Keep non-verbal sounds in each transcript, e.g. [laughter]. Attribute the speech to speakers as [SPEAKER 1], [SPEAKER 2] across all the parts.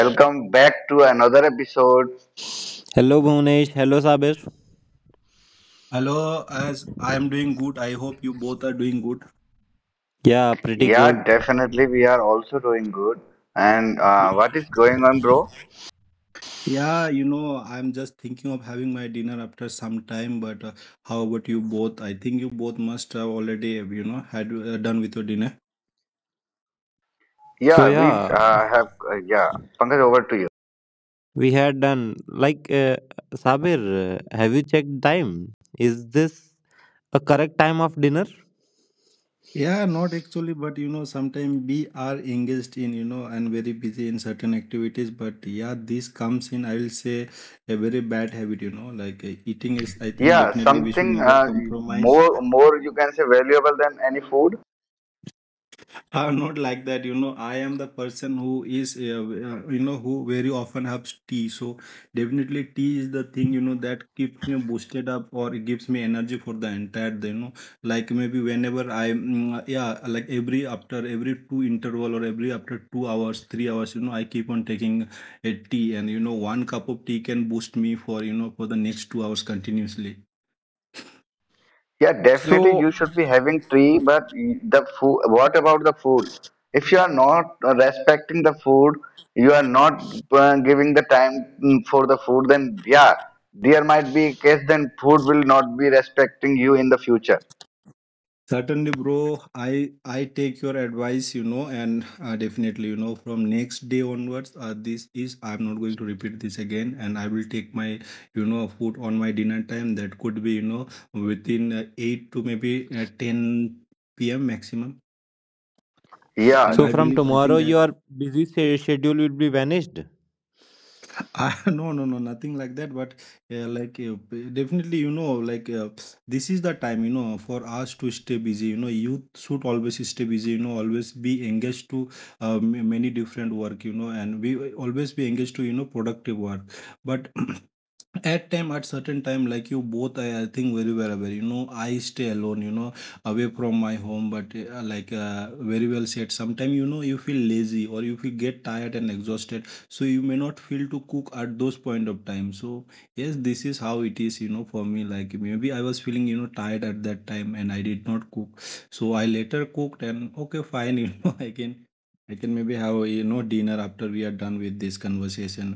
[SPEAKER 1] Welcome back to another episode.
[SPEAKER 2] Hello Bhunesh, hello Sabir.
[SPEAKER 3] Hello, as I am doing good. I hope you both are doing good.
[SPEAKER 2] Yeah, pretty
[SPEAKER 1] Yeah,
[SPEAKER 2] good.
[SPEAKER 1] definitely, we are also doing good. And what is going on, bro?
[SPEAKER 3] I'm just thinking of having my dinner after some time, but how about you both? I think you both must have already, had done with your dinner.
[SPEAKER 2] So
[SPEAKER 1] Yeah, we
[SPEAKER 2] yeah,
[SPEAKER 1] have. Yeah, Pankaj, over to you.
[SPEAKER 2] we had done like Sabir, have you checked time? Is this a correct time of dinner?
[SPEAKER 3] Yeah, not actually, but you know, sometimes we are engaged in, and very busy in certain activities. But yeah, this comes in, I will say, a very bad habit, you know, like eating is, I think
[SPEAKER 1] Yeah,
[SPEAKER 3] definitely we should
[SPEAKER 1] something
[SPEAKER 3] never
[SPEAKER 1] uh,
[SPEAKER 3] compromise.
[SPEAKER 1] more, more you can say valuable than any food.
[SPEAKER 3] [laughs] I'm not like that, you know. I am the person who is, you know, who very often helps tea. So definitely, tea is the thing, you know, that keeps me boosted up, or it gives me energy for the entire day, you know. Like maybe whenever I, every after every two interval, or every after 2 hours, 3 hours, you know, I keep on taking a tea, and one cup of tea can boost me for for the next 2 hours continuously.
[SPEAKER 1] Yeah, definitely
[SPEAKER 2] So
[SPEAKER 1] you should be having tree, but the food, what about the food? If you are not respecting the food, you are not giving the time for the food, then yeah, there might be a case then food will not be respecting you in the future.
[SPEAKER 3] Certainly, bro. I take your advice, you know, and definitely, you know, from next day onwards, this is, I'm not going to repeat this again, and I will take my, you know, food on my dinner time. That could be, you know, within 8 to maybe 10 p.m. maximum.
[SPEAKER 1] Yeah,
[SPEAKER 3] And
[SPEAKER 2] so
[SPEAKER 3] I
[SPEAKER 2] from
[SPEAKER 3] believe, I think
[SPEAKER 2] tomorrow
[SPEAKER 3] that
[SPEAKER 2] your busy schedule will be vanished.
[SPEAKER 3] I, [laughs] no, no, no, nothing like that. But definitely, you know, like this is the time, you know, for us to stay busy. You know, youth should always stay busy. You know, always be engaged to many different work. You know, and we always be engaged to productive work. But [clears throat] at certain time, like you both, I think very well aware, you know, I stay alone, you know, away from my home, but very well said, sometime you know you feel lazy, or you feel get tired and exhausted, so you may not feel to cook at those point of time. So yes, this is how it is, you know, for me, like maybe I was feeling, you know, tired at that time and I did not cook, so I later cooked and okay fine. [laughs] You know, I can maybe have, you know, dinner after we are done with this conversation,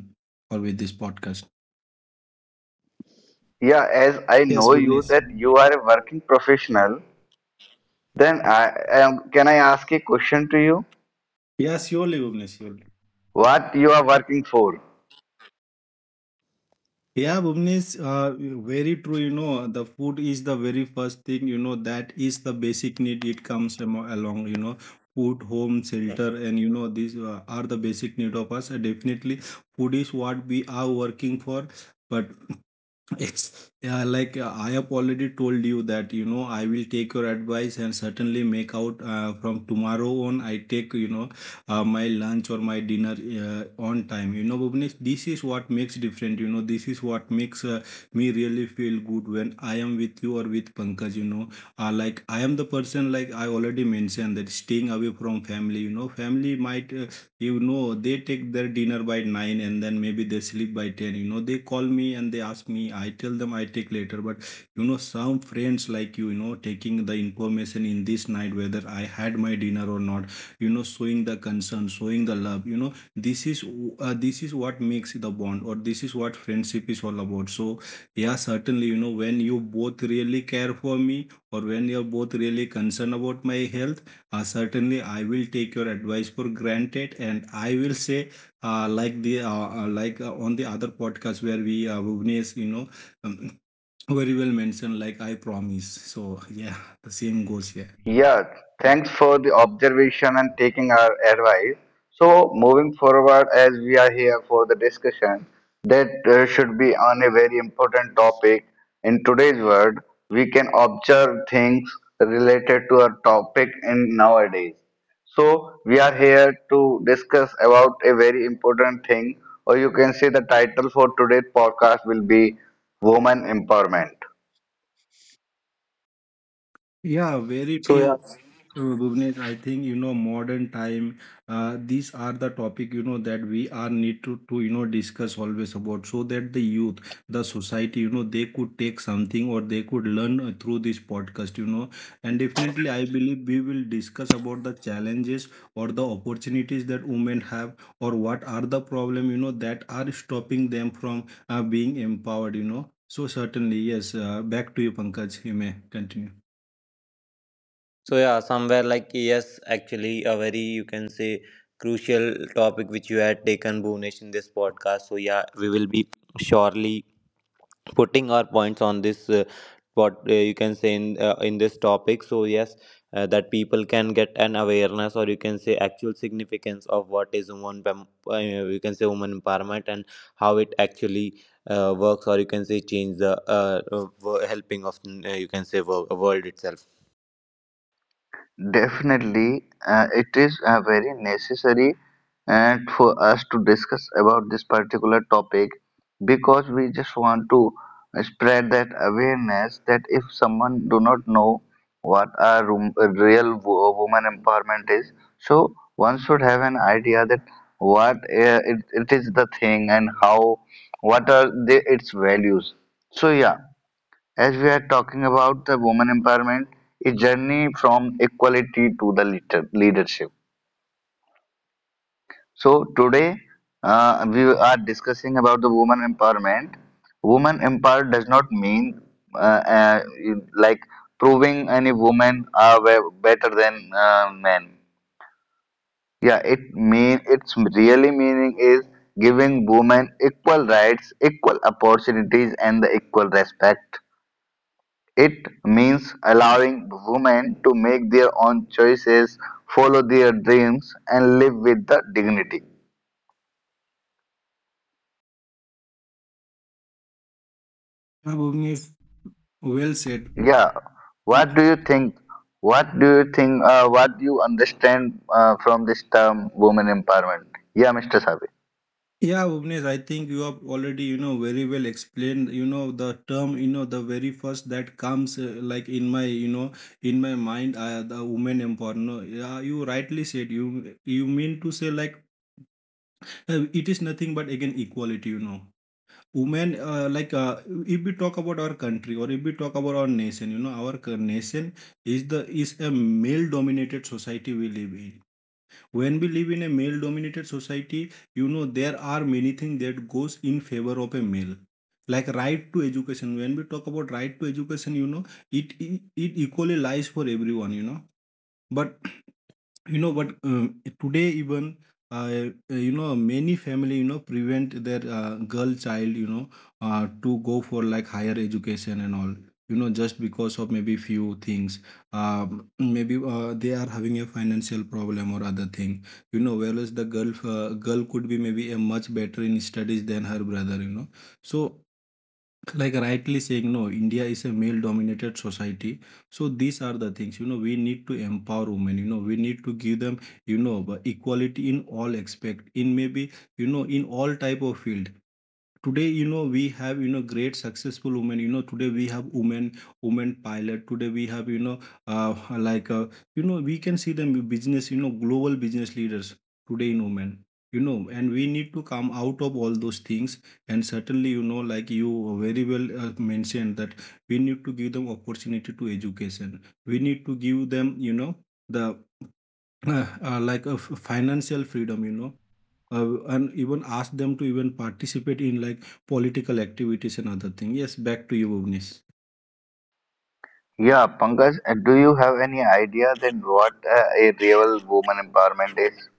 [SPEAKER 3] or with this podcast.
[SPEAKER 1] yeah, as I
[SPEAKER 3] Yes,
[SPEAKER 1] know you
[SPEAKER 3] Bhuvnesh.
[SPEAKER 1] that you are a working professional, then I am, can I ask a question to you?
[SPEAKER 3] Yeah, surely, Bhuvnesh, surely.
[SPEAKER 1] What you are working for?
[SPEAKER 3] Yeah, Bhuvnesh, very true. You know, the food is the very first thing, you know, that is the basic need. It comes along, you know, food, home, shelter, and, you know, these are the basic need of us. And definitely, food is what we are working for. But it's yeah, like I have already told you that, you know, I will take your advice, and certainly make out from tomorrow on. I take, you know, my lunch or my dinner on time. You know, Bhuvnesh, this is what makes different. You know, this is what makes me really feel good when I am with you or with Pankaj. You know, like I am the person, like I already mentioned, that staying away from family. You know, family might they take their dinner by 9, and then maybe they sleep by 10. You know, they call me and they ask me. I tell them I take later. But, you know, some friends like you know, taking the information in this night, whether I had my dinner or not, you know, showing the concern, showing the love, you know, this is, this is what makes the bond, or this is what friendship is all about. So, yeah, certainly, you know, when you both really care for me, or when you're both really concerned about my health, certainly, I will take your advice for granted, and I will say, like the like on the other podcast where we Bhuvnesh, you know, um, very well mentioned, like I promise. So yeah, the same goes here.
[SPEAKER 1] Yeah, thanks for the observation and taking our advice. So, moving forward, as we are here for the discussion, that should be on a very important topic. In today's world, we can observe things related to our topic in nowadays. So, we are here to discuss about a very important thing, or you can say the title for today's podcast will be Woman Empowerment.
[SPEAKER 3] Yeah, very
[SPEAKER 2] So yeah.
[SPEAKER 3] true, Bhuvnesh. I think, you know, modern time. These are the topic, you know, that we are need to, you know, discuss always about, so that the youth, the society, you know, they could take something, or they could learn through this podcast. You know, and definitely I believe we will discuss about the challenges, or the opportunities that women have, or what are the problem, you know, that are stopping them from being empowered. You know, so certainly yes. Back to you, Pankaj. You may continue.
[SPEAKER 2] So yeah, somewhere like yes, actually a very you can say crucial topic which you had taken Bhunesh in this podcast. So yeah, we will be surely putting our points on this what you can say in in this topic. So yes, that people can get an awareness or you can say actual significance of what is you can say woman empowerment, and how it actually works or you can say change the helping of you can say world itself.
[SPEAKER 1] Definitely, it is very necessary and for us to discuss about this particular topic because we just want to spread that awareness that if someone do not know what a room, a real woman empowerment is, so one should have an idea that what it is the thing and how what are the, its values. So yeah, as we are talking about the woman empowerment, a journey from equality to the leadership. So today we are discussing about the woman empowerment. Woman empowered does not mean uh, uh, like proving any woman are better than men. Yeah, it mean its really meaning is giving women equal rights, equal opportunities, and the equal respect. It means allowing women to make their own choices, follow their dreams, and live with the dignity.
[SPEAKER 3] Yeah, Bhuvnesh, well said.
[SPEAKER 1] Yeah. What do
[SPEAKER 3] L-
[SPEAKER 1] you think? What do you think? What do you understand from this term women empowerment? Yeah, Mr. Sabi.
[SPEAKER 3] Yeah, Bhuvnesh, I think you have already, you know, very well explained, you know, the term, you know, the very first that comes like in my, you know, in my mind, the woman empowerment. Yeah, you rightly said, you mean to say, like, it is nothing but again equality, you know. Women, like, if we talk about our country, or if we talk about our nation, you know, our nation is the is a male-dominated society we live in. When we live in a male dominated society, you know, there are many things that goes in favor of a male, like right to education. When we talk about right to education, you know, it equally lies for everyone, you know, but today, even uh, you know, many family, you know, prevent their girl child, you know, to go for like higher education and all, you know, just because of maybe few things. Maybe they are having a financial problem or other thing, you know, whereas the girl, girl could be maybe a much better in studies than her brother, you know. So like rightly saying, no, India is a male dominated society. So these are the things, you know, we need to empower women. You know, we need to give them, you know, equality in all aspect, in maybe, you know, in all type of field. Today, you know, we have, you know, great successful women. You know, today we have women pilot. Today we have, you know, uh, like uh, you know, we can see them business, you know, global business leaders today in women, you know. And we need to come out of all those things, and certainly, you know, like you very well mentioned, that we need to give them opportunity to education. We need to give them, you know, the [clears throat] financial freedom, you know, and even ask them to even participate in like political activities and other thing. Yes, back to you, Bhuvnesh.
[SPEAKER 1] Yeah, Pankaj, do you have any idea that what a real woman empowerment is?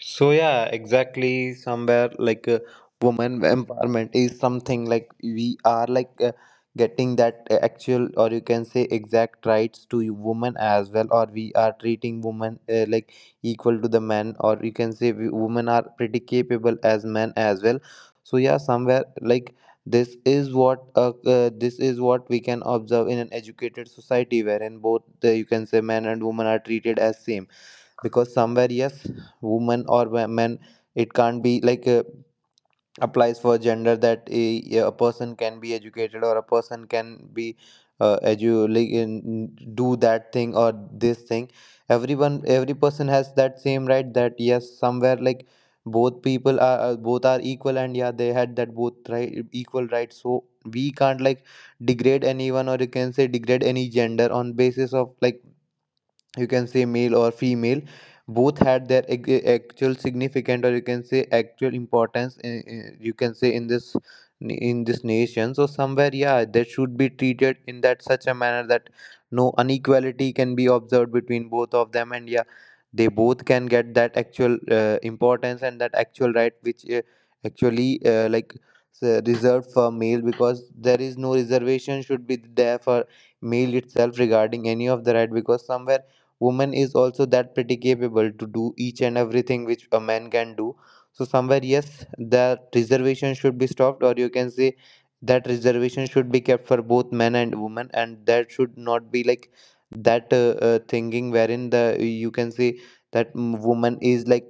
[SPEAKER 2] So yeah, exactly. Somewhere like woman empowerment is something like we are like getting that actual or you can say exact rights to women as well, or we are treating women like equal to the men, or you can say women are pretty capable as men as well. So yeah, somewhere like this is what we can observe in an educated society, wherein both you can say men and women are treated as same, because somewhere yes woman or men, it can't be like applies for gender that a person can be educated or a person can be do that thing or this thing. Every person has that same right, that yes, somewhere like both are equal, and yeah they had that both right equal rights, so we can't like degrade anyone or you can say degrade any gender on basis of like you can say male or female. Both had their actual significant or you can say actual importance you can say in this nation. So somewhere yeah, that should be treated in that such a manner that no inequality can be observed between both of them, and yeah they both can get that actual importance and that actual right which actually reserved for male, because there is no reservation should be there for male itself regarding any of the right, because somewhere woman is also that pretty capable to do each and everything which a man can do. So somewhere yes, that reservation should be stopped or you can say that reservation should be kept for both men and women, and that should not be like that thinking wherein the you can say that woman is like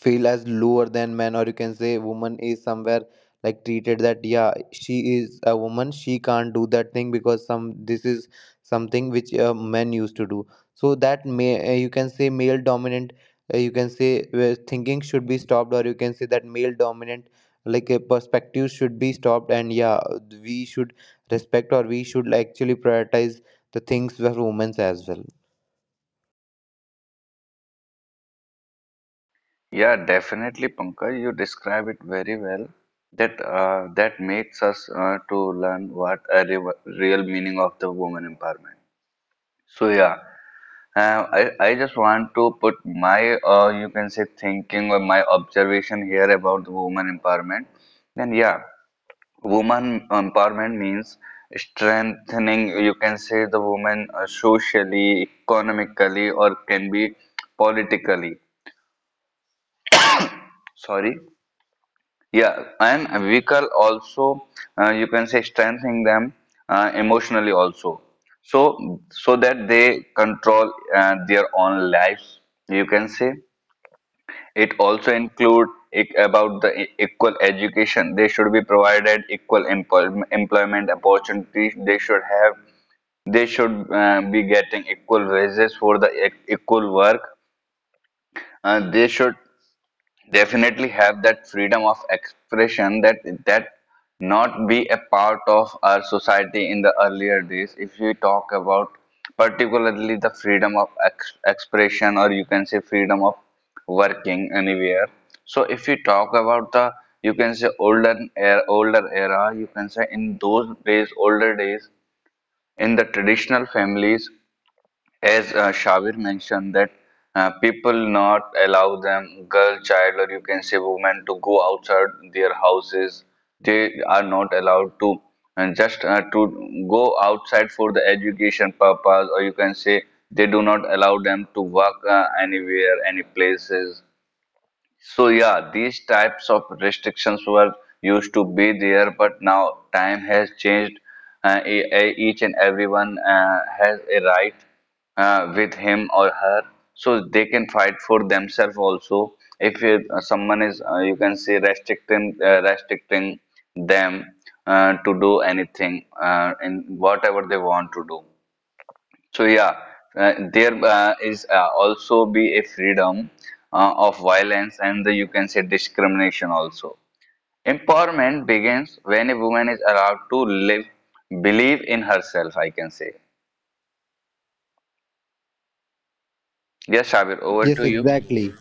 [SPEAKER 2] feel as lower than men, or you can say woman is somewhere like treated that yeah she is a woman, she can't do that thing because some this is something which men used to do. So that may you can say male dominant you can say thinking should be stopped, or you can say that male dominant like a perspective should be stopped, and yeah we should respect or we should actually prioritize the things for women as well.
[SPEAKER 1] Yeah, definitely, Pankaj. You describe it very well. That makes us to learn what a real meaning of the woman empowerment. So yeah, I just want to put my you can say thinking or my observation here about the woman empowerment. Then yeah, woman empowerment means strengthening. You can say the woman socially, economically, or can be politically. Sorry. Yeah, and we can also you can say strengthening them emotionally also. So that they control their own lives. You can say it also include about the equal education. They should be provided equal employment opportunities. They should have they should be getting equal wages for the equal work. They should definitely have that freedom of expression that that not be a part of our society in the earlier days if you talk about particularly the freedom of expression or you can say freedom of working anywhere so if you talk about the you can say older era you can say in those days older days in the traditional families as Shabir mentioned, that people not allow them, girl, child, or you can say women, to go outside their houses. They are not allowed to and just to go outside for the education purpose, or you can say they do not allow them to work anywhere, any places. So yeah, these types of restrictions were used to be there, but now time has changed. Each and everyone has a right with him or her, so they can fight for themselves also. If you, someone is, you can say restricting them to do anything in whatever they want to do. So yeah, there is also be a freedom of violence and the, you can say discrimination also. Empowerment begins when a woman is allowed to live, believe in herself. I can say. Yes, Shabir, over
[SPEAKER 2] Yes,
[SPEAKER 1] to you.
[SPEAKER 2] exactly.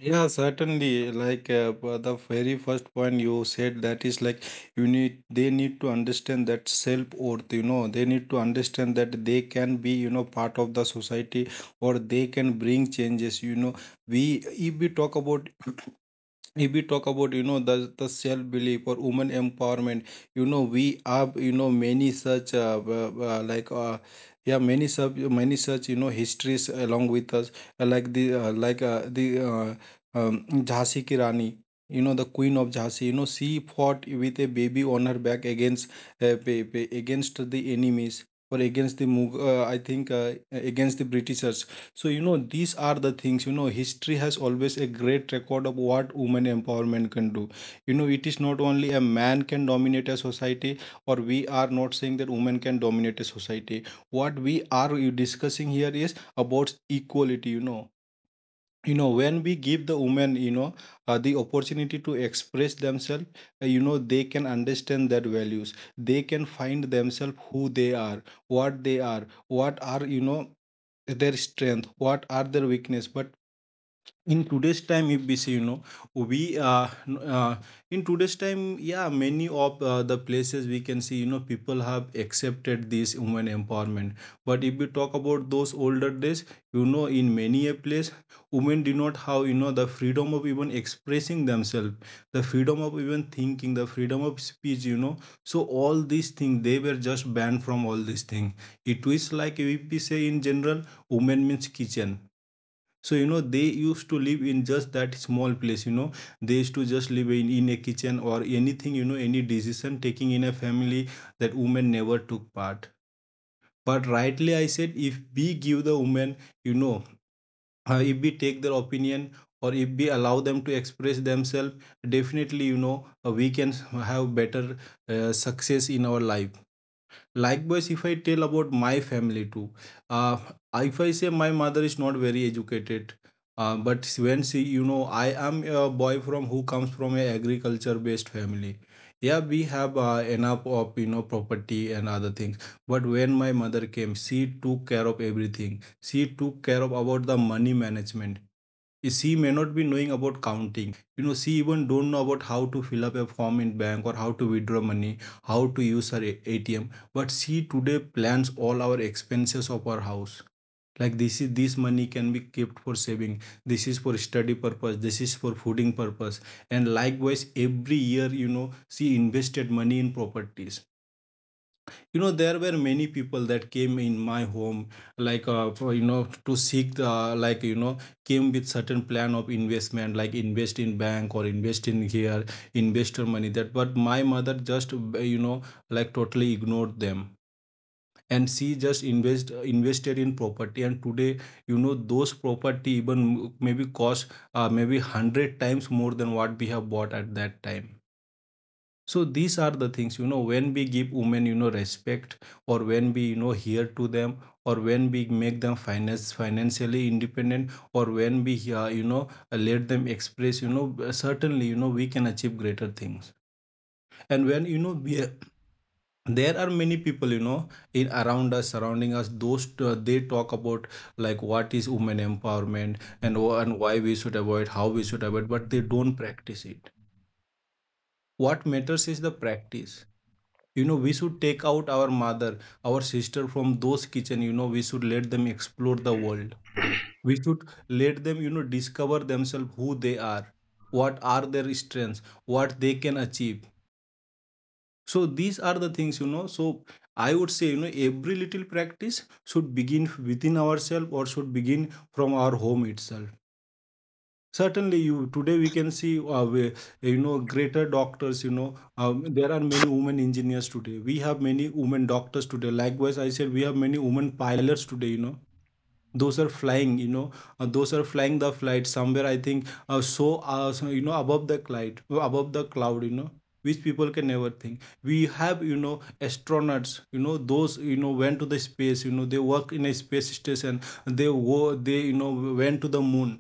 [SPEAKER 3] Yeah, certainly. Like but the very first point you said, that is, like, you need they need to understand that self-worth. You know, they need to understand that they can be, you know, part of the society, or they can bring changes. You know, we if we talk about, if we talk about, you know, the self belief, or woman empowerment, you know, we have, you know, many such many such, you know, histories along with us, like the Jhansi ki Rani, you know, the queen of Jhansi, you know, she fought with a baby on her back against against the enemies, or against the I think against the Britishers. So, you know, these are the things, you know, history has always a great record of what women empowerment can do. You know, it is not only a man can dominate a society, or we are not saying that women can dominate a society. What we are discussing here is about equality, you know. You know, when we give the women, you know, the opportunity to express themselves, you know, they can understand their values. They can find themselves, who they are, what are, their strength, what are their weakness. But in today's time, if we say you know we n- in today's time, yeah, many of the places we can see, people have accepted this women empowerment. But if we talk about those older days, in many a place women did not have, the freedom of even expressing themselves, the freedom of even thinking, the freedom of speech. So all these things, they were just banned from all these things. It is like, if we say in general, women means kitchen. So, they used to live in just that small place. They used to just live in, a kitchen or anything. Any decision taking in a family, that women never took part. But rightly, I said, if we give the women, you know, if we take their opinion, or if we allow them to express themselves, definitely, we can have better success in our life. Likewise, if I tell about my family too, uh, if I say my mother is not very educated. But when she — I am a boy from who comes from a agriculture based family. Yeah, we have enough of property and other things. But when my mother came, she took care of everything. She took care of about the money management. She may not be knowing about counting. She even don't know about how to fill up a form in bank, or how to withdraw money, how to use her ATM. But she today plans all our expenses of our house, like, this money can be kept for saving, this is for study purpose, this is for fooding purpose, and likewise every year, she invested money in properties. There were many people that came in my home, like, for, you know to seek the — like you know came with certain plan of investment, like invest in bank, or invest in here, investor money, that. But my mother just like totally ignored them, and she just invested in property. And today, those property even maybe cost maybe 100 times more than what we have bought at that time. So these are the things. When we give women respect, or when we hear to them, or when we make them finance financially independent, or when we let them express, certainly, we can achieve greater things. And when you know we there are many people, in around us, surrounding us, those they talk about, like, what is women empowerment, and why we should avoid, how we should avoid, but they don't practice it. What matters is the practice. We should take out our mother, our sister, from those kitchen. We should let them explore the world. We should let them, discover themselves, who they are, what are their strengths, what they can achieve. So these are the things. So I would say, every little practice should begin within ourselves, or should begin from our home itself. Certainly, you today we can see, we, you know greater doctors. There are many women engineers today. We have many women doctors today. Likewise, I said, we have many women pilots today. Those are flying. Those are flying the flight somewhere, I think, above the cloud, above the cloud. You know, which people can never think. We have, astronauts. Those, went to the space. They work in a space station. They, went to the moon,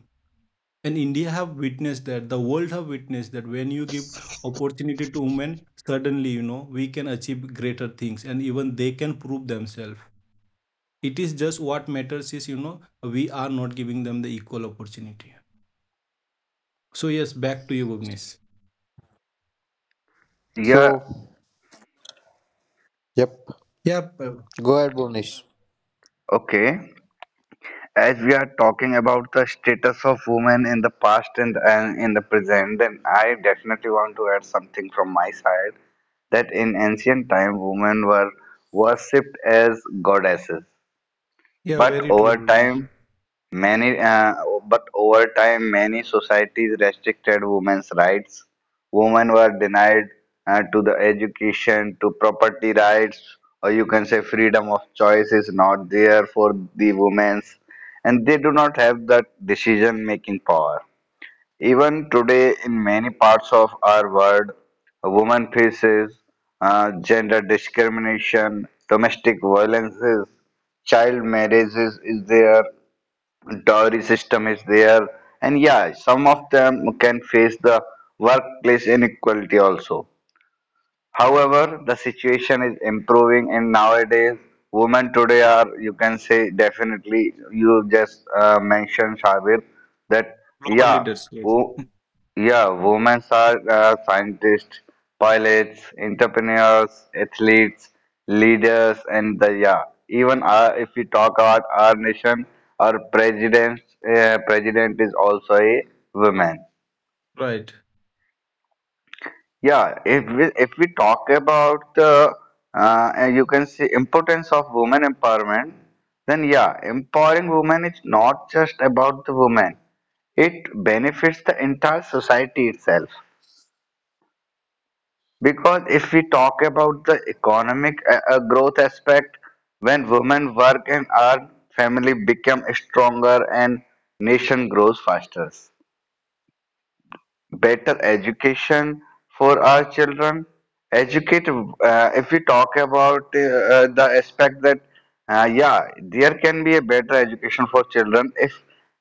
[SPEAKER 3] and India have witnessed that, the world have witnessed that. When you give opportunity to women, suddenly, we can achieve greater things, and even they can prove themselves. It is just — what matters is, we are not giving them the equal opportunity. So yes, back to you, Bhuvnesh.
[SPEAKER 1] Yeah,
[SPEAKER 2] So yep,
[SPEAKER 3] Yeah,
[SPEAKER 2] go ahead Bonish.
[SPEAKER 1] okay. As we are talking about the status of women in the past and in the present, then I definitely want to add something from my side that in ancient time, women were worshipped as goddesses.
[SPEAKER 3] yeah,
[SPEAKER 1] But
[SPEAKER 3] very true,
[SPEAKER 1] over
[SPEAKER 3] Bhuvnesh.
[SPEAKER 1] time, many uh, but over time, many societies restricted women's rights. Women were denied to the education, to property rights, or you can say freedom of choice is not there for the women's, and they do not have that decision-making power. Even today, in many parts of our world, women faces gender discrimination, domestic violences, child marriages is there, dowry system is there, and yeah, some of them can face the workplace inequality also. However, the situation is improving, and nowadays, women today are, you can say, definitely, you just mentioned, Shabir, that
[SPEAKER 3] Global
[SPEAKER 1] yeah,
[SPEAKER 3] leaders. Yes.
[SPEAKER 1] wo- yeah, women are scientists, pilots, entrepreneurs, athletes, leaders, and the yeah, even our, if we talk about our nation, our president, president is also a woman.
[SPEAKER 3] Right.
[SPEAKER 1] Yeah, if we talk about the and you can see importance of women empowerment, then yeah, empowering women is not just about the women. It benefits the entire society itself. Because if we talk about the economic growth aspect, when women work and earn, family become stronger and nation grows faster. Better education for our children. If we talk about the aspect that, yeah, there can be a better education for children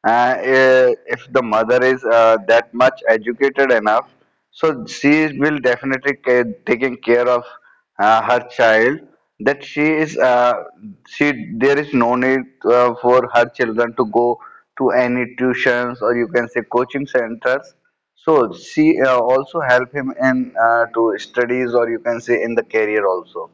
[SPEAKER 1] uh, if the mother is that much educated enough, so she will definitely taking care of her child. That she is, she there is no need for her children to go to any tuitions or you can say coaching centers so she also help him in to studies or you can say in the career also.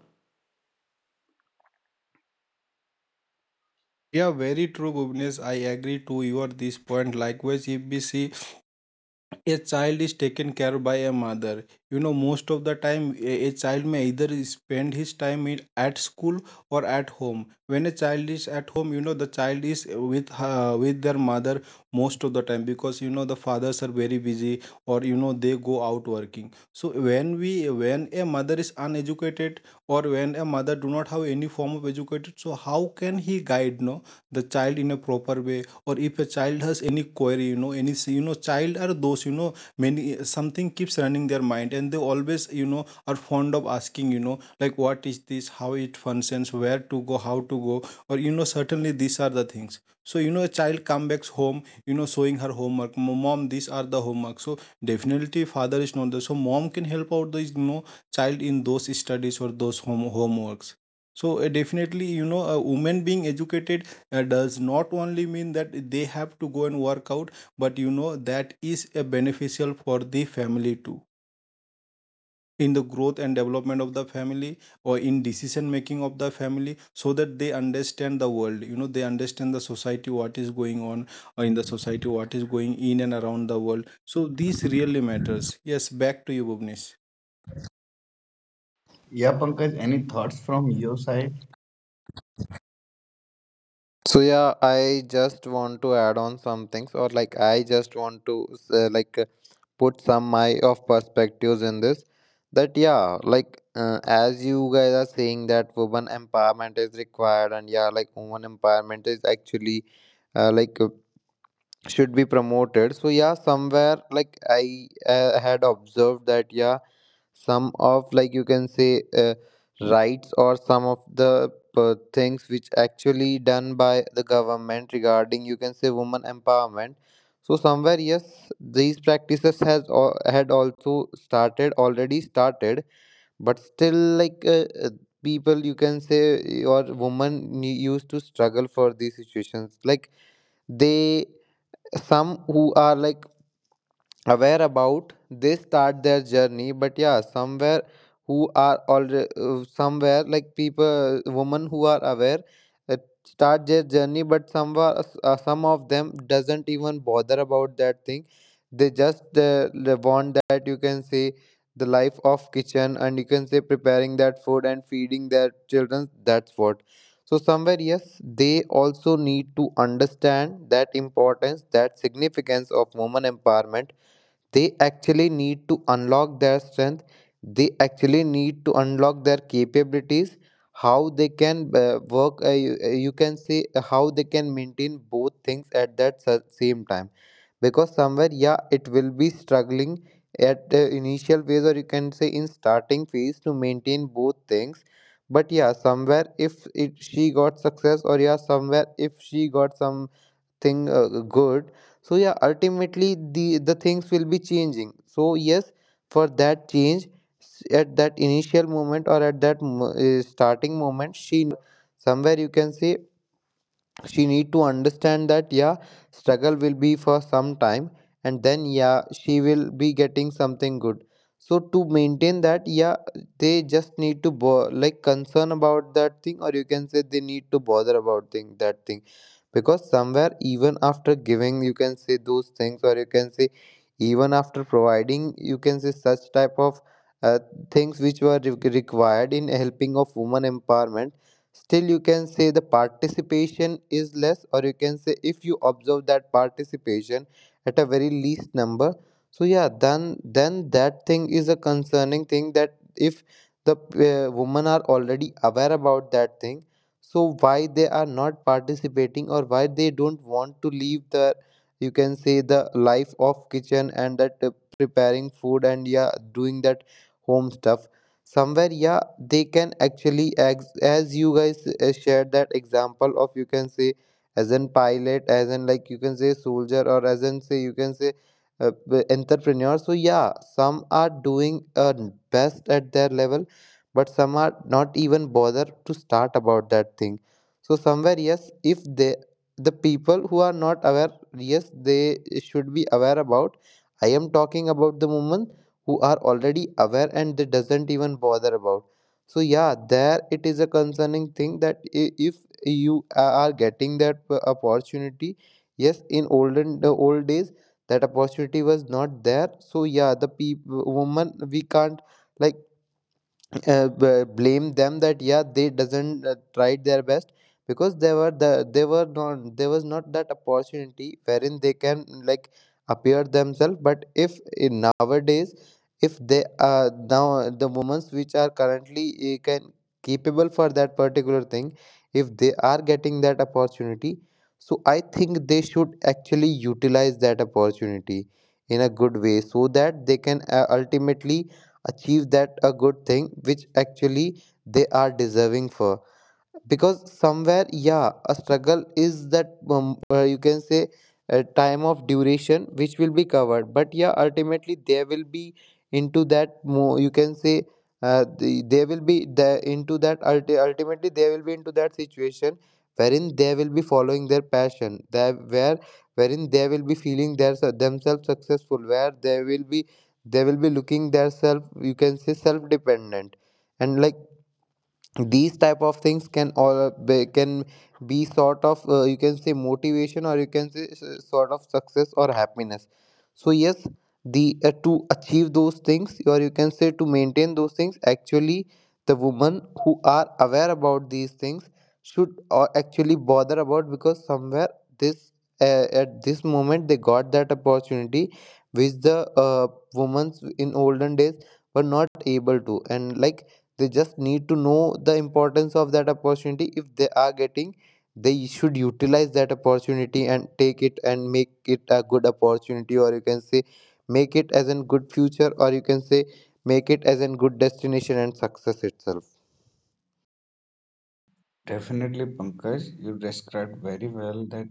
[SPEAKER 3] Yeah, very true, Bhuvnesh. I agree to your this point. Likewise, if we see a child is taken care by a mother, most of the time, a child may either spend his time at school or at home. When a child is at home, the child is with with their mother most of the time, because, the fathers are very busy, or they go out working. So when a mother is uneducated, or when a mother do not have any form of educated, so how can he guide — no, the child in a proper way, or if a child has any query, any — child are those, many, something keeps running their mind, and they always, are fond of asking, like, what is this, how it functions, where to go, how to go, or, certainly, these are the things. So a child come back home, showing her homework. Mom, these are the homework." So definitely, father is not there, so mom can help out the, child, in those studies, or those homeworks. So, definitely, a woman being educated, does not only mean that they have to go and work out, but, that is a beneficial for the family too, in the growth and development of the family, or in decision making of the family, so that they understand the world, they understand the society, what is going on, or in the society, what is going in and around the world. So this really matters. Yes, back to you, Bhuvnesh.
[SPEAKER 1] Yeah, Pankaj, any thoughts from your side?
[SPEAKER 2] So yeah, I just want to add on some things, or like I just want to like put some my of perspectives in this. That yeah, like as you guys are saying that women empowerment is required, and yeah, like women empowerment is actually like should be promoted. So yeah, somewhere like I had observed that yeah some of like you can say rights or some of the things which actually done by the government regarding you can say woman empowerment. So somewhere yes, these practices has al- had also started already started, but still like people you can say or women used to struggle for these situations, like they some who are like aware about they start their journey, but yeah somewhere who are already somewhere like people women who are aware uh, start their journey, but some of them doesn't even bother about that thing. They just want that you can say the life of kitchen and you can say preparing that food and feeding their children, that's what. So somewhere yes, they also need to understand that importance, that significance of woman empowerment. They actually need to unlock their strength, they actually need to unlock their capabilities, how they can work you can see how they can maintain both things at that same time, because somewhere yeah it will be struggling at the initial phase or you can say in starting phase to maintain both things. But yeah somewhere if it she got success or yeah somewhere if she got some thing good, so yeah ultimately the things will be changing. So yes, for that change at that initial moment or at that starting moment she need to struggle, or somewhere you can say she need to understand that yeah struggle will be for some time, and then yeah she will be getting something good. So to maintain that yeah they just need to like concern about that thing or you can say they need to bother about thing that thing, because somewhere even after giving you can say those things or you can say even after providing you can say such type of uh, things which were required in helping of woman empowerment, still you can say the participation is less or you can say if you observe that participation at a very least number. So yeah then that thing is a concerning thing, that if the women are already aware about that thing, so why they are not participating or why they don't want to leave the you can say the life of kitchen and that preparing food and yeah doing that home stuff. Somewhere yeah they can actually as you guys shared that example of you can say as an pilot as in like you can say soldier or as in say you can say entrepreneur. So yeah some are doing best at their level, but some are not even bother to start about that thing. So somewhere yes, if they the people who are not aware, yes they should be aware about. I am talking about the moment who are already aware and they doesn't even bother about. So yeah there it is a concerning thing, that if you are getting that opportunity. Yes, in olden the old days that opportunity was not there, so yeah the people woman we can't like blame them that yeah they doesn't tried their best because they were the they were not there was not that opportunity wherein they can like appear themselves. But if in nowadays if they now the women which are currently can capable for that particular thing, if they are getting that opportunity, so I think they should actually utilize that opportunity in a good way so that they can ultimately achieve that a good thing which actually they are deserving for, because somewhere yeah a struggle is that you can say a time of duration which will be covered, but yeah ultimately there will be into that more you can say they will be the into that ultimately they will be into that situation wherein they will be following their passion, that where wherein they will be feeling their themselves successful, where they will be looking their self you can say self dependent, and like these type of things can all can be sort of you can say motivation or you can say sort of success or happiness. So yes, the to achieve those things or you can say to maintain those things, actually the women who are aware about these things should actually bother about, because somewhere this at this moment they got that opportunity which the women in olden days were not able to, and like they just need to know the importance of that opportunity. If they are getting, they should utilize that opportunity and take it and make it a good opportunity or you can say make it as a good future or you can say make it as a good destination and success itself.
[SPEAKER 1] Definitely, Pankaj, you described very well that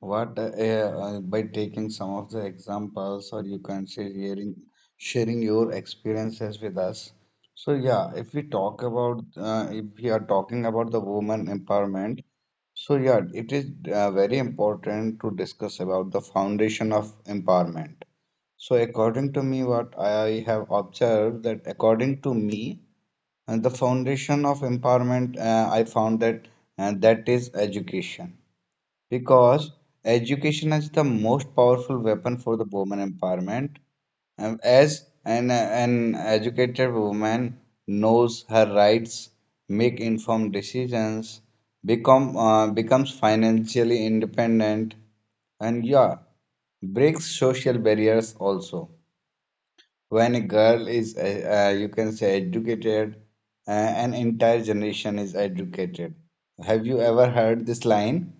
[SPEAKER 1] what by taking some of the examples, or you can say sharing your experiences with us. So yeah, if we talk about if we are talking about the woman empowerment, so yeah, it is very important to discuss about the foundation of empowerment. So according to me, what I have observed that according to me. And the foundation of empowerment, I found that that is education, because education is the most powerful weapon for the woman empowerment. As an educated woman knows her rights, make informed decisions, becomes financially independent, and yeah, breaks social barriers also. When a girl is, you can say, educated, an entire generation is educated. Have you ever heard this line?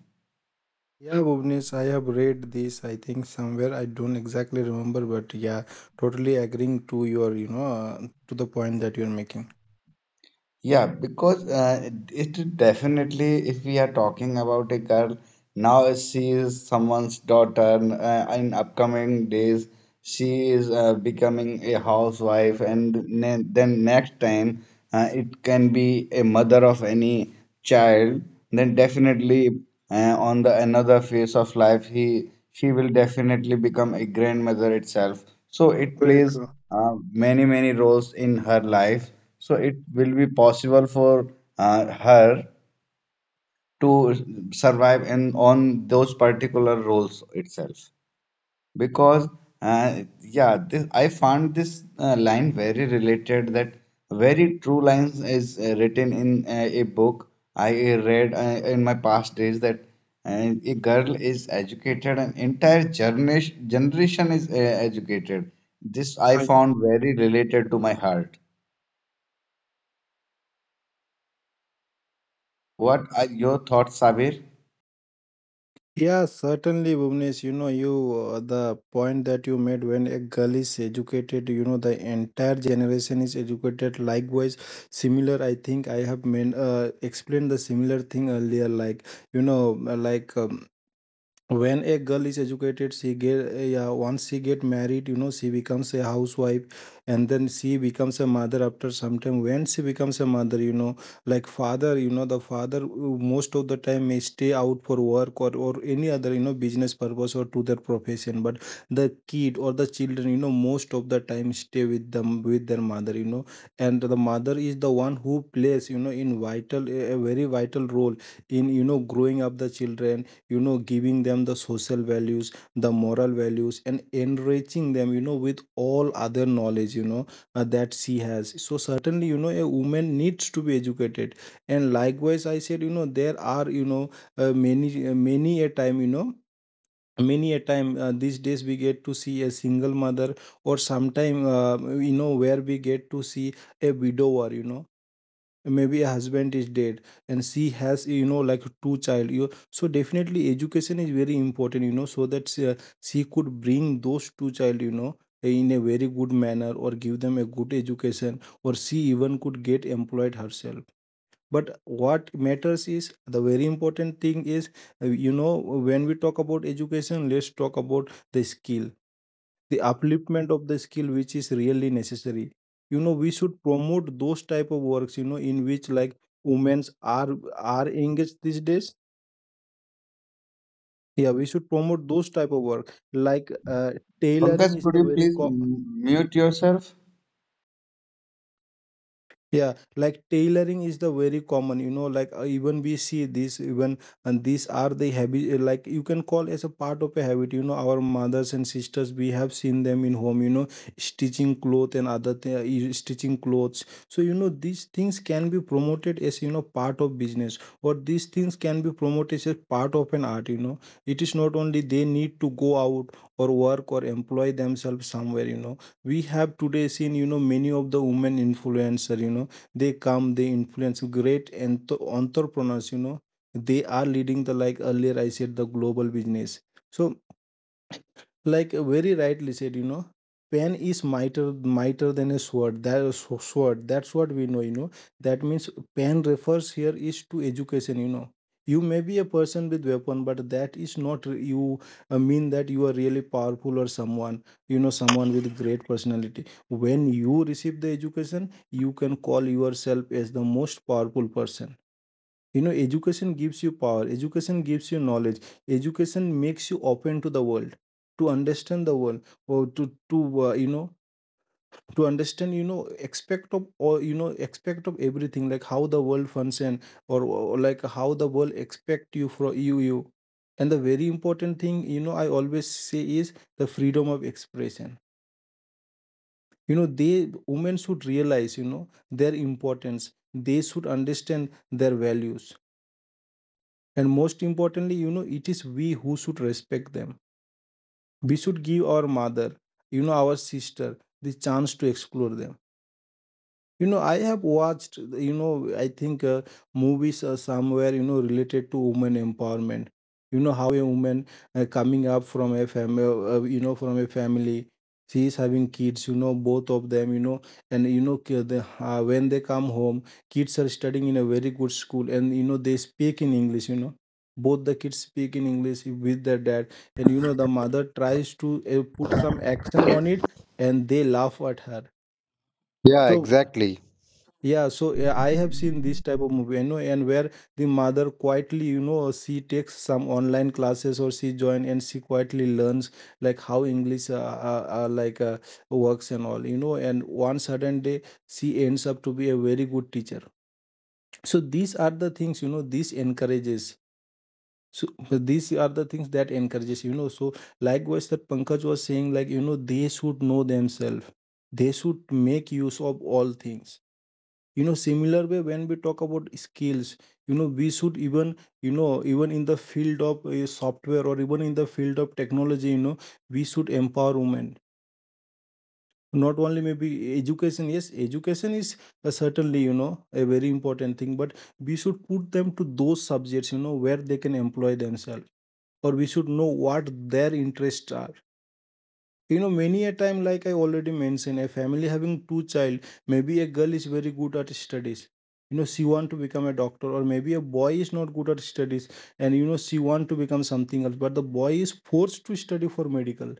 [SPEAKER 3] Yeah, Bhuvnesh, I have read this, I think, somewhere. I don't exactly remember, but yeah, totally agreeing to your, to the point that you're making.
[SPEAKER 1] Yeah, because it definitely, if we are talking about a girl, now she is someone's daughter. And, in upcoming days, she is becoming a housewife, and ne then next time, it can be a mother of any child. Then definitely, on the another phase of life, he she will definitely become a grandmother itself. So it
[SPEAKER 3] Very
[SPEAKER 1] plays
[SPEAKER 3] true.
[SPEAKER 1] uh, many roles in her life so it will be possible for her to survive in on those particular roles itself. Because yeah, this, I found this line very related that very true lines is written in a book I read in my past days that a girl is educated, an entire generation is educated. This I
[SPEAKER 3] Right.
[SPEAKER 1] found very related to my heart. What are your thoughts, Sabir?
[SPEAKER 3] Yeah, certainly, Bhuvnesh, the point that you made — when a girl is educated, the entire generation is educated. Likewise, similar, I think I have men explained the similar thing earlier, you know, uh, like, um, when a girl is educated, she get — yeah, once she get married, she becomes a housewife, and then she becomes a mother. After some time when she becomes a mother, like father, the father, most of the time may stay out for work, or any other, business purpose, or to their profession. But the kid or the children, most of the time stay with them, with their mother. And the mother is the one who plays, you know in vital a very vital role in, growing up the children, giving them the social values, the moral values, and enriching them, with all other knowledge, that she has. So certainly, a woman needs to be educated. And likewise, I said, there are, many — many a time you know many a time, these days we get to see a single mother, or sometime, where we get to see a widower. Maybe a husband is dead, and she has, like two child, you so definitely, education is very important, so that she could bring those two child, in a very good manner, or give them a good education, or she even could get employed herself. But what matters is — the very important thing is, when we talk about education, let's talk about the skill, the upliftment of the skill, which is really necessary. We should promote those type of works, in which like women's are engaged these days. Yeah, we should promote those type of work, like
[SPEAKER 1] Pankaj,
[SPEAKER 3] tailoring is
[SPEAKER 1] could
[SPEAKER 3] the
[SPEAKER 1] you
[SPEAKER 3] very
[SPEAKER 1] please
[SPEAKER 3] co-
[SPEAKER 1] mute yourself?
[SPEAKER 3] yeah, like tailoring is the very common, like even we see this, even, and these are the habit. Like, you can call as a part of a habit, our mothers and sisters, we have seen them in home, stitching cloth and stitching clothes. So, these things can be promoted as, part of business, or these things can be promoted as part of an art. It is not only they need to go out, or work, or employ themselves somewhere. We have today seen, you know, many of the women influencer. You know, they influence great and entrepreneurs, you know. They are leading the, like earlier I said, the global business. So, like very rightly said, you know, pen is mightier than a sword. That is sword, that's what we know, you know. That means pen refers here is to education, you know. You may be a person with weapon, but that is not you mean that you are really powerful or someone, you know, someone with great personality. When you receive the education, you can call yourself as the most powerful person. You know, education gives you power, education gives you knowledge, education makes you open to the world, to understand the world, or to, you know, to understand, you know, aspect of, or you know, aspect of everything, like how the world function, or like how the world expect you from you, you. And the very important thing, you know, I always say is the freedom of expression. You know, they women should realize, you know, their importance. They should understand their values. And most importantly, you know, it is we who should respect them. We should give our mother, you know, our sister, the chance to explore them. You know, I have watched, you know, I think movies are somewhere, you know, related to women empowerment. You know, how a woman coming up from a family, you know, from a family, she is having kids, you know, both of them, you know, and, you know, the, when they come home, kids are studying in a very good school and, you know, they speak in English, you know. Both the kids speak in English with their dad, and you know, the mother tries to put some action on it and they laugh at her.
[SPEAKER 2] Yeah,
[SPEAKER 3] So
[SPEAKER 2] exactly.
[SPEAKER 3] yeah, so I have seen this type of movie, you know, and where the mother quietly, you know, she takes some online classes or she join and she quietly learns, like how English works and all, you know, and one certain day she ends up to be a very good teacher. So these are the things, you know, this encourages. So but these are the things that encourages, you know. So likewise, that Pankaj was saying, like, you know, they should know themselves. They should make use of all things, you know. Similar way, when we talk about skills, you know, we should, even you know, even in the field of software, or even in the field of technology, you know, we should empower women. Not only maybe education, yes education is certainly, you know, a very important thing, but we should put them to those subjects, you know, where they can employ themselves, or we should know what their interests are, you know. Many a time, like I already mentioned, a family having two child, maybe a girl is very good at studies, you know, she want to become a doctor, or maybe a boy is not good at studies and you know she want to become something else, but the boy is forced to study for medical,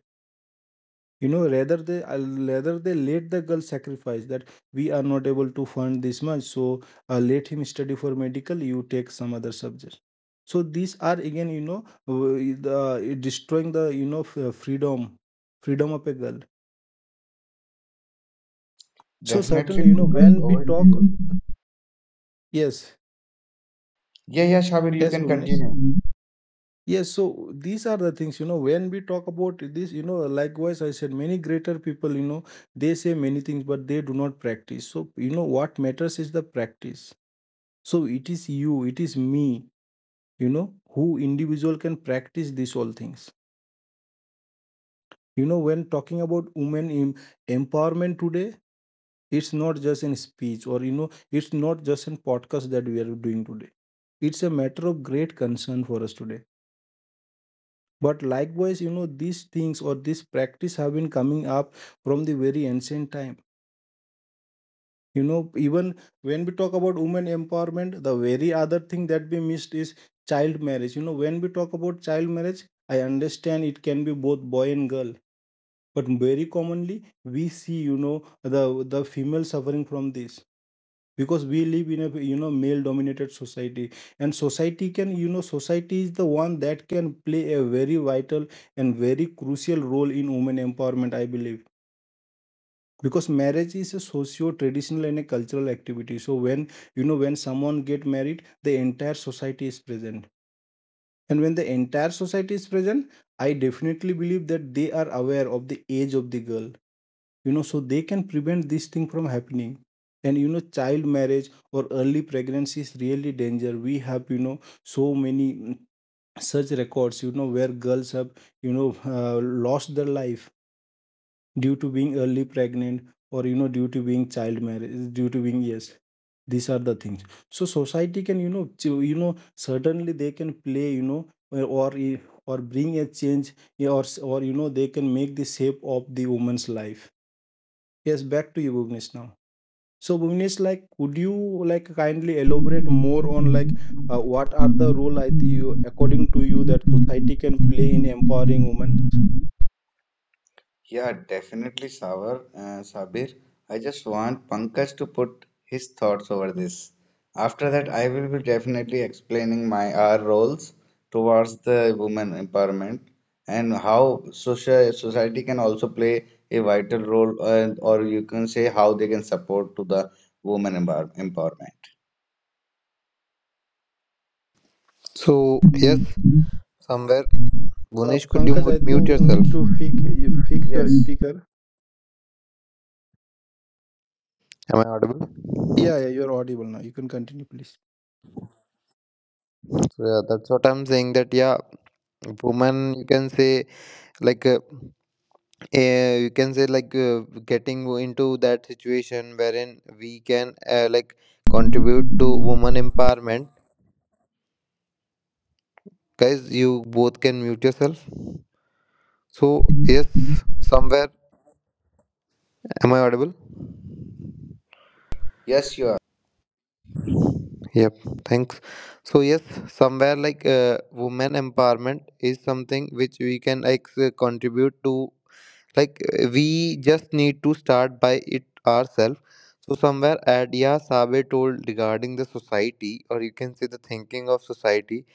[SPEAKER 3] you know. Rather they rather they let the girl sacrifice that we are not able to fund this much, so let him study for medical, you take some other subject. So these are again, you know, the, destroying the, you know, freedom of a girl. So
[SPEAKER 1] Definitely,
[SPEAKER 3] certainly, you know,
[SPEAKER 1] Pankaj,
[SPEAKER 3] when we
[SPEAKER 1] over to
[SPEAKER 3] talk,
[SPEAKER 1] you.
[SPEAKER 3] yes,
[SPEAKER 1] Yeah, yeah, Shabir, you
[SPEAKER 3] yes,
[SPEAKER 1] can
[SPEAKER 3] Bhuvnesh.
[SPEAKER 1] continue.
[SPEAKER 3] Yes, so these are the things, you know, when we talk about this, you know, likewise, I said many greater people, you know, they say many things, but they do not practice. So, you know, what matters is the practice. So it is you, it is me, you know, who individual can practice these all things. You know, when talking about women empowerment today, it's not just in speech, or, you know, it's not just in podcast that we are doing today. It's a matter of great concern for us today. But likewise, you know, these things or this practice have been coming up from the very ancient time, you know. Even when we talk about women empowerment, the very other thing that we missed is child marriage. You know, when we talk about child marriage, I understand it can be both boy and girl, but very commonly we see, you know, the the female suffering from this, because we live in a, you know, male dominated society. And society can, you know, society is the one that can play a very vital and very crucial role in women empowerment, I believe, because marriage is a socio traditional and a cultural activity. So when, you know, when someone get married, the entire society is present, and when the entire society is present, I definitely believe that they are aware of the age of the girl, you know. So they can prevent this thing from happening, and you know, child marriage or early pregnancy is really danger. We have, you know, so many such records, you know, where girls have, you know, lost their life due to being early pregnant, or you know, due to being child marriage, due to being yes, these are the things. So society can, you know to, you know, certainly they can play, you know, uh, or i- or bring a change, yeah, or you know, they can make the shape of the woman's life. Yes, back to you, Bhuvnesh, now. So, Bhuvnesh, like, would you like kindly elaborate more on like what are the role, I think you, according to you, that society can play in empowering women?
[SPEAKER 1] Yeah, definitely, Sabir. I just want Pankaj to put his thoughts over this. After that, I will be definitely explaining my our roles towards the women empowerment and how social society can also play a vital role, or you can say how they can support to the women empowerment.
[SPEAKER 2] So yes, somewhere. Gunesh, could you
[SPEAKER 3] Pankaj,
[SPEAKER 2] mute
[SPEAKER 3] I
[SPEAKER 2] mute
[SPEAKER 3] think you need
[SPEAKER 2] yourself?
[SPEAKER 3] to fix your
[SPEAKER 1] Yes,
[SPEAKER 3] speaker.
[SPEAKER 2] Am I audible?
[SPEAKER 3] Yeah, yeah, you're audible now. You can continue, please.
[SPEAKER 2] So yeah, that's what I'm saying. That yeah, woman, you can say like, you can say like getting into that situation wherein we can like contribute to woman empowerment. Guys, you both can mute yourself. So yes, somewhere. Am I audible?
[SPEAKER 1] yes, you
[SPEAKER 2] Yep, thanks. So yes, somewhere like women empowerment is something which we can like contribute to. Like we just need to start by it ourselves. So somewhere Adia Sabe told regarding the society, or you can say the thinking of society.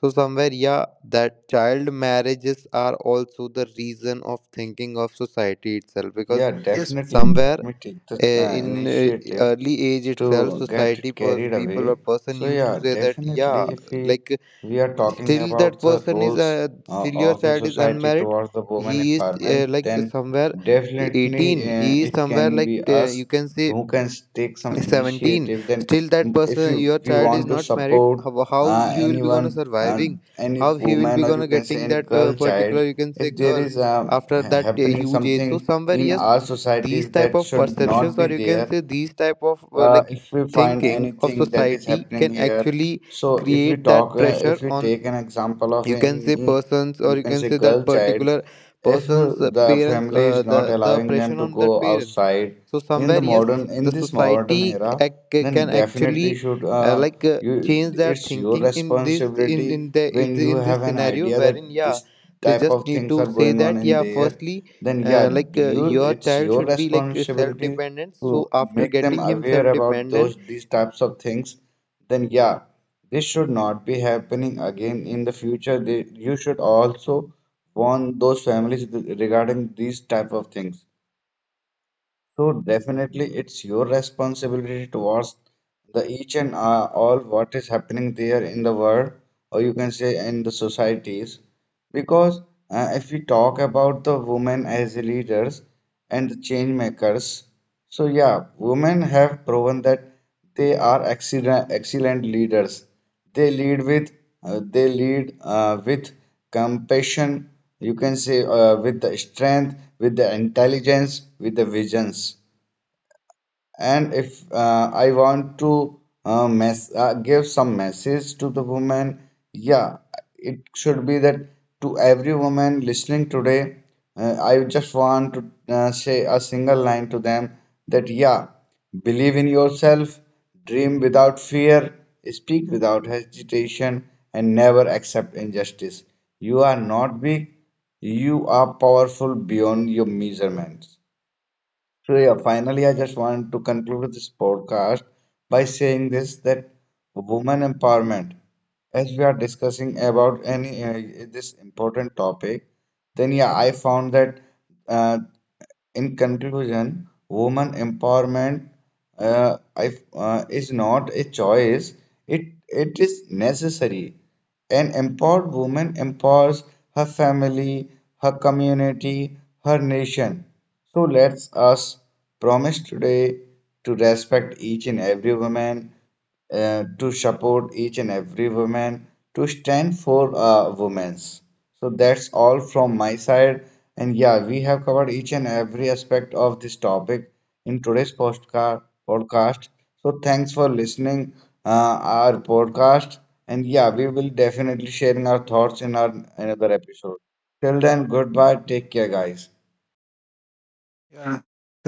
[SPEAKER 2] So somewhere yeah, that child marriages are also the reason of thinking of society itself, because
[SPEAKER 1] yeah,
[SPEAKER 3] Yes.
[SPEAKER 1] definitely.
[SPEAKER 2] somewhere
[SPEAKER 1] Let me take the
[SPEAKER 2] in
[SPEAKER 1] initiative
[SPEAKER 2] early age itself
[SPEAKER 1] to get
[SPEAKER 2] society
[SPEAKER 1] it carried
[SPEAKER 2] people or
[SPEAKER 1] away.
[SPEAKER 2] person
[SPEAKER 1] So
[SPEAKER 2] used to
[SPEAKER 1] yeah,
[SPEAKER 2] say that yeah
[SPEAKER 1] definitely if we
[SPEAKER 2] like
[SPEAKER 1] we are talking
[SPEAKER 2] still that
[SPEAKER 1] about the
[SPEAKER 2] person is
[SPEAKER 1] roles
[SPEAKER 2] still your
[SPEAKER 1] of a
[SPEAKER 2] child is
[SPEAKER 1] society
[SPEAKER 2] unmarried,
[SPEAKER 1] towards the
[SPEAKER 2] he
[SPEAKER 1] women
[SPEAKER 2] is
[SPEAKER 1] empowerment,
[SPEAKER 2] like
[SPEAKER 1] then
[SPEAKER 2] somewhere
[SPEAKER 1] definitely
[SPEAKER 2] 18, he is
[SPEAKER 1] it
[SPEAKER 2] somewhere
[SPEAKER 1] can
[SPEAKER 2] like
[SPEAKER 1] be us
[SPEAKER 2] you can say
[SPEAKER 1] who can take some
[SPEAKER 2] 17,
[SPEAKER 1] initiative. Then
[SPEAKER 2] still that
[SPEAKER 1] if
[SPEAKER 2] person
[SPEAKER 1] you
[SPEAKER 2] your
[SPEAKER 1] we
[SPEAKER 2] child is
[SPEAKER 1] want to
[SPEAKER 2] not married,
[SPEAKER 1] support
[SPEAKER 2] how you will be gonna
[SPEAKER 1] anyone,
[SPEAKER 2] surviving,
[SPEAKER 1] any
[SPEAKER 2] how he will be
[SPEAKER 1] woman or you
[SPEAKER 2] gonna
[SPEAKER 1] can say
[SPEAKER 2] getting
[SPEAKER 1] any
[SPEAKER 2] that
[SPEAKER 1] girl child,
[SPEAKER 2] particular you can say
[SPEAKER 1] if there
[SPEAKER 2] girl
[SPEAKER 1] is
[SPEAKER 2] after that
[SPEAKER 1] happening
[SPEAKER 2] huge age. So
[SPEAKER 1] something
[SPEAKER 2] somewhere
[SPEAKER 1] in
[SPEAKER 2] yes,
[SPEAKER 1] our
[SPEAKER 2] these
[SPEAKER 1] societies
[SPEAKER 2] type
[SPEAKER 1] that
[SPEAKER 2] of
[SPEAKER 1] should not
[SPEAKER 2] perceptions
[SPEAKER 1] be
[SPEAKER 2] or you can
[SPEAKER 1] there
[SPEAKER 2] say these type of like
[SPEAKER 1] if we find
[SPEAKER 2] thinking of
[SPEAKER 1] anything that is
[SPEAKER 2] society
[SPEAKER 1] happening
[SPEAKER 2] can
[SPEAKER 1] here.
[SPEAKER 2] actually
[SPEAKER 1] So if we
[SPEAKER 2] create that
[SPEAKER 1] talk,
[SPEAKER 2] pressure
[SPEAKER 1] if we
[SPEAKER 2] on
[SPEAKER 1] take an example of
[SPEAKER 2] you can say
[SPEAKER 1] any,
[SPEAKER 2] persons or
[SPEAKER 1] you
[SPEAKER 2] you
[SPEAKER 1] can
[SPEAKER 2] can
[SPEAKER 1] say
[SPEAKER 2] say
[SPEAKER 1] girl
[SPEAKER 2] that
[SPEAKER 1] child,
[SPEAKER 2] particular
[SPEAKER 1] if
[SPEAKER 2] person's
[SPEAKER 1] the
[SPEAKER 2] parents,
[SPEAKER 1] family is not
[SPEAKER 2] the
[SPEAKER 1] allowing them
[SPEAKER 2] pressure
[SPEAKER 1] to
[SPEAKER 2] on that
[SPEAKER 1] go
[SPEAKER 2] parents.
[SPEAKER 1] outside
[SPEAKER 2] So
[SPEAKER 1] in the
[SPEAKER 2] somewhere yes,
[SPEAKER 1] modern, in
[SPEAKER 2] the
[SPEAKER 1] this modern
[SPEAKER 2] society
[SPEAKER 1] era, then
[SPEAKER 2] can actually
[SPEAKER 1] definitely should
[SPEAKER 2] like
[SPEAKER 1] you,
[SPEAKER 2] change their
[SPEAKER 1] it's your
[SPEAKER 2] thinking in this
[SPEAKER 1] responsibility
[SPEAKER 2] in the in
[SPEAKER 1] when
[SPEAKER 2] the-
[SPEAKER 1] you
[SPEAKER 2] in
[SPEAKER 1] have
[SPEAKER 2] this
[SPEAKER 1] an
[SPEAKER 2] scenario,
[SPEAKER 1] idea
[SPEAKER 2] wherein
[SPEAKER 1] that
[SPEAKER 2] yeah
[SPEAKER 1] this
[SPEAKER 2] they
[SPEAKER 1] type
[SPEAKER 2] just
[SPEAKER 1] of
[SPEAKER 2] need to
[SPEAKER 1] things are
[SPEAKER 2] say
[SPEAKER 1] going on
[SPEAKER 2] that
[SPEAKER 1] in
[SPEAKER 2] yeah
[SPEAKER 1] there
[SPEAKER 2] firstly
[SPEAKER 1] then yeah,
[SPEAKER 2] like
[SPEAKER 1] do you
[SPEAKER 2] your
[SPEAKER 1] it's
[SPEAKER 2] child
[SPEAKER 1] your
[SPEAKER 2] should be like self
[SPEAKER 1] responsibility
[SPEAKER 2] dependent,
[SPEAKER 1] to
[SPEAKER 2] so after
[SPEAKER 1] make them
[SPEAKER 2] getting him
[SPEAKER 1] aware
[SPEAKER 2] self
[SPEAKER 1] about
[SPEAKER 2] dependent
[SPEAKER 1] those these types of things. Then yeah, this should not be happening again in the future. They, you should also warn those families regarding these type of things. So definitely it's your responsibility towards the each and all what is happening there in the world or you can say in the societies because if we talk about the women as the leaders and the change makers so yeah women have proven that they are excellent leaders. They lead with they lead with compassion. You can say with the strength, with the intelligence, with the visions and if I want to mess give some message to the woman, yeah, it should be that to every woman listening today, I just want to say a single line to them that yeah, believe in yourself, dream without fear, speak without hesitation, and never accept injustice. You are not weak, you are powerful beyond your measurements. So yeah, finally, I just want to conclude this podcast by saying this that women empowerment, as we are discussing about any this important topic, then yeah, I found that uh, in conclusion, woman empowerment uh, I, is not a choice; it is necessary. An empowered woman empowers her family, her community, her nation. So let's us promise today to respect each and every woman, to support each and every woman, to stand for women's. So that's all from my side. And yeah, we have covered each and every aspect of this topic in today's postcard podcast. So thanks for listening our podcast. And yeah, we will definitely sharing our thoughts in our another episode. Till then, goodbye. Take care, guys.
[SPEAKER 3] Yeah.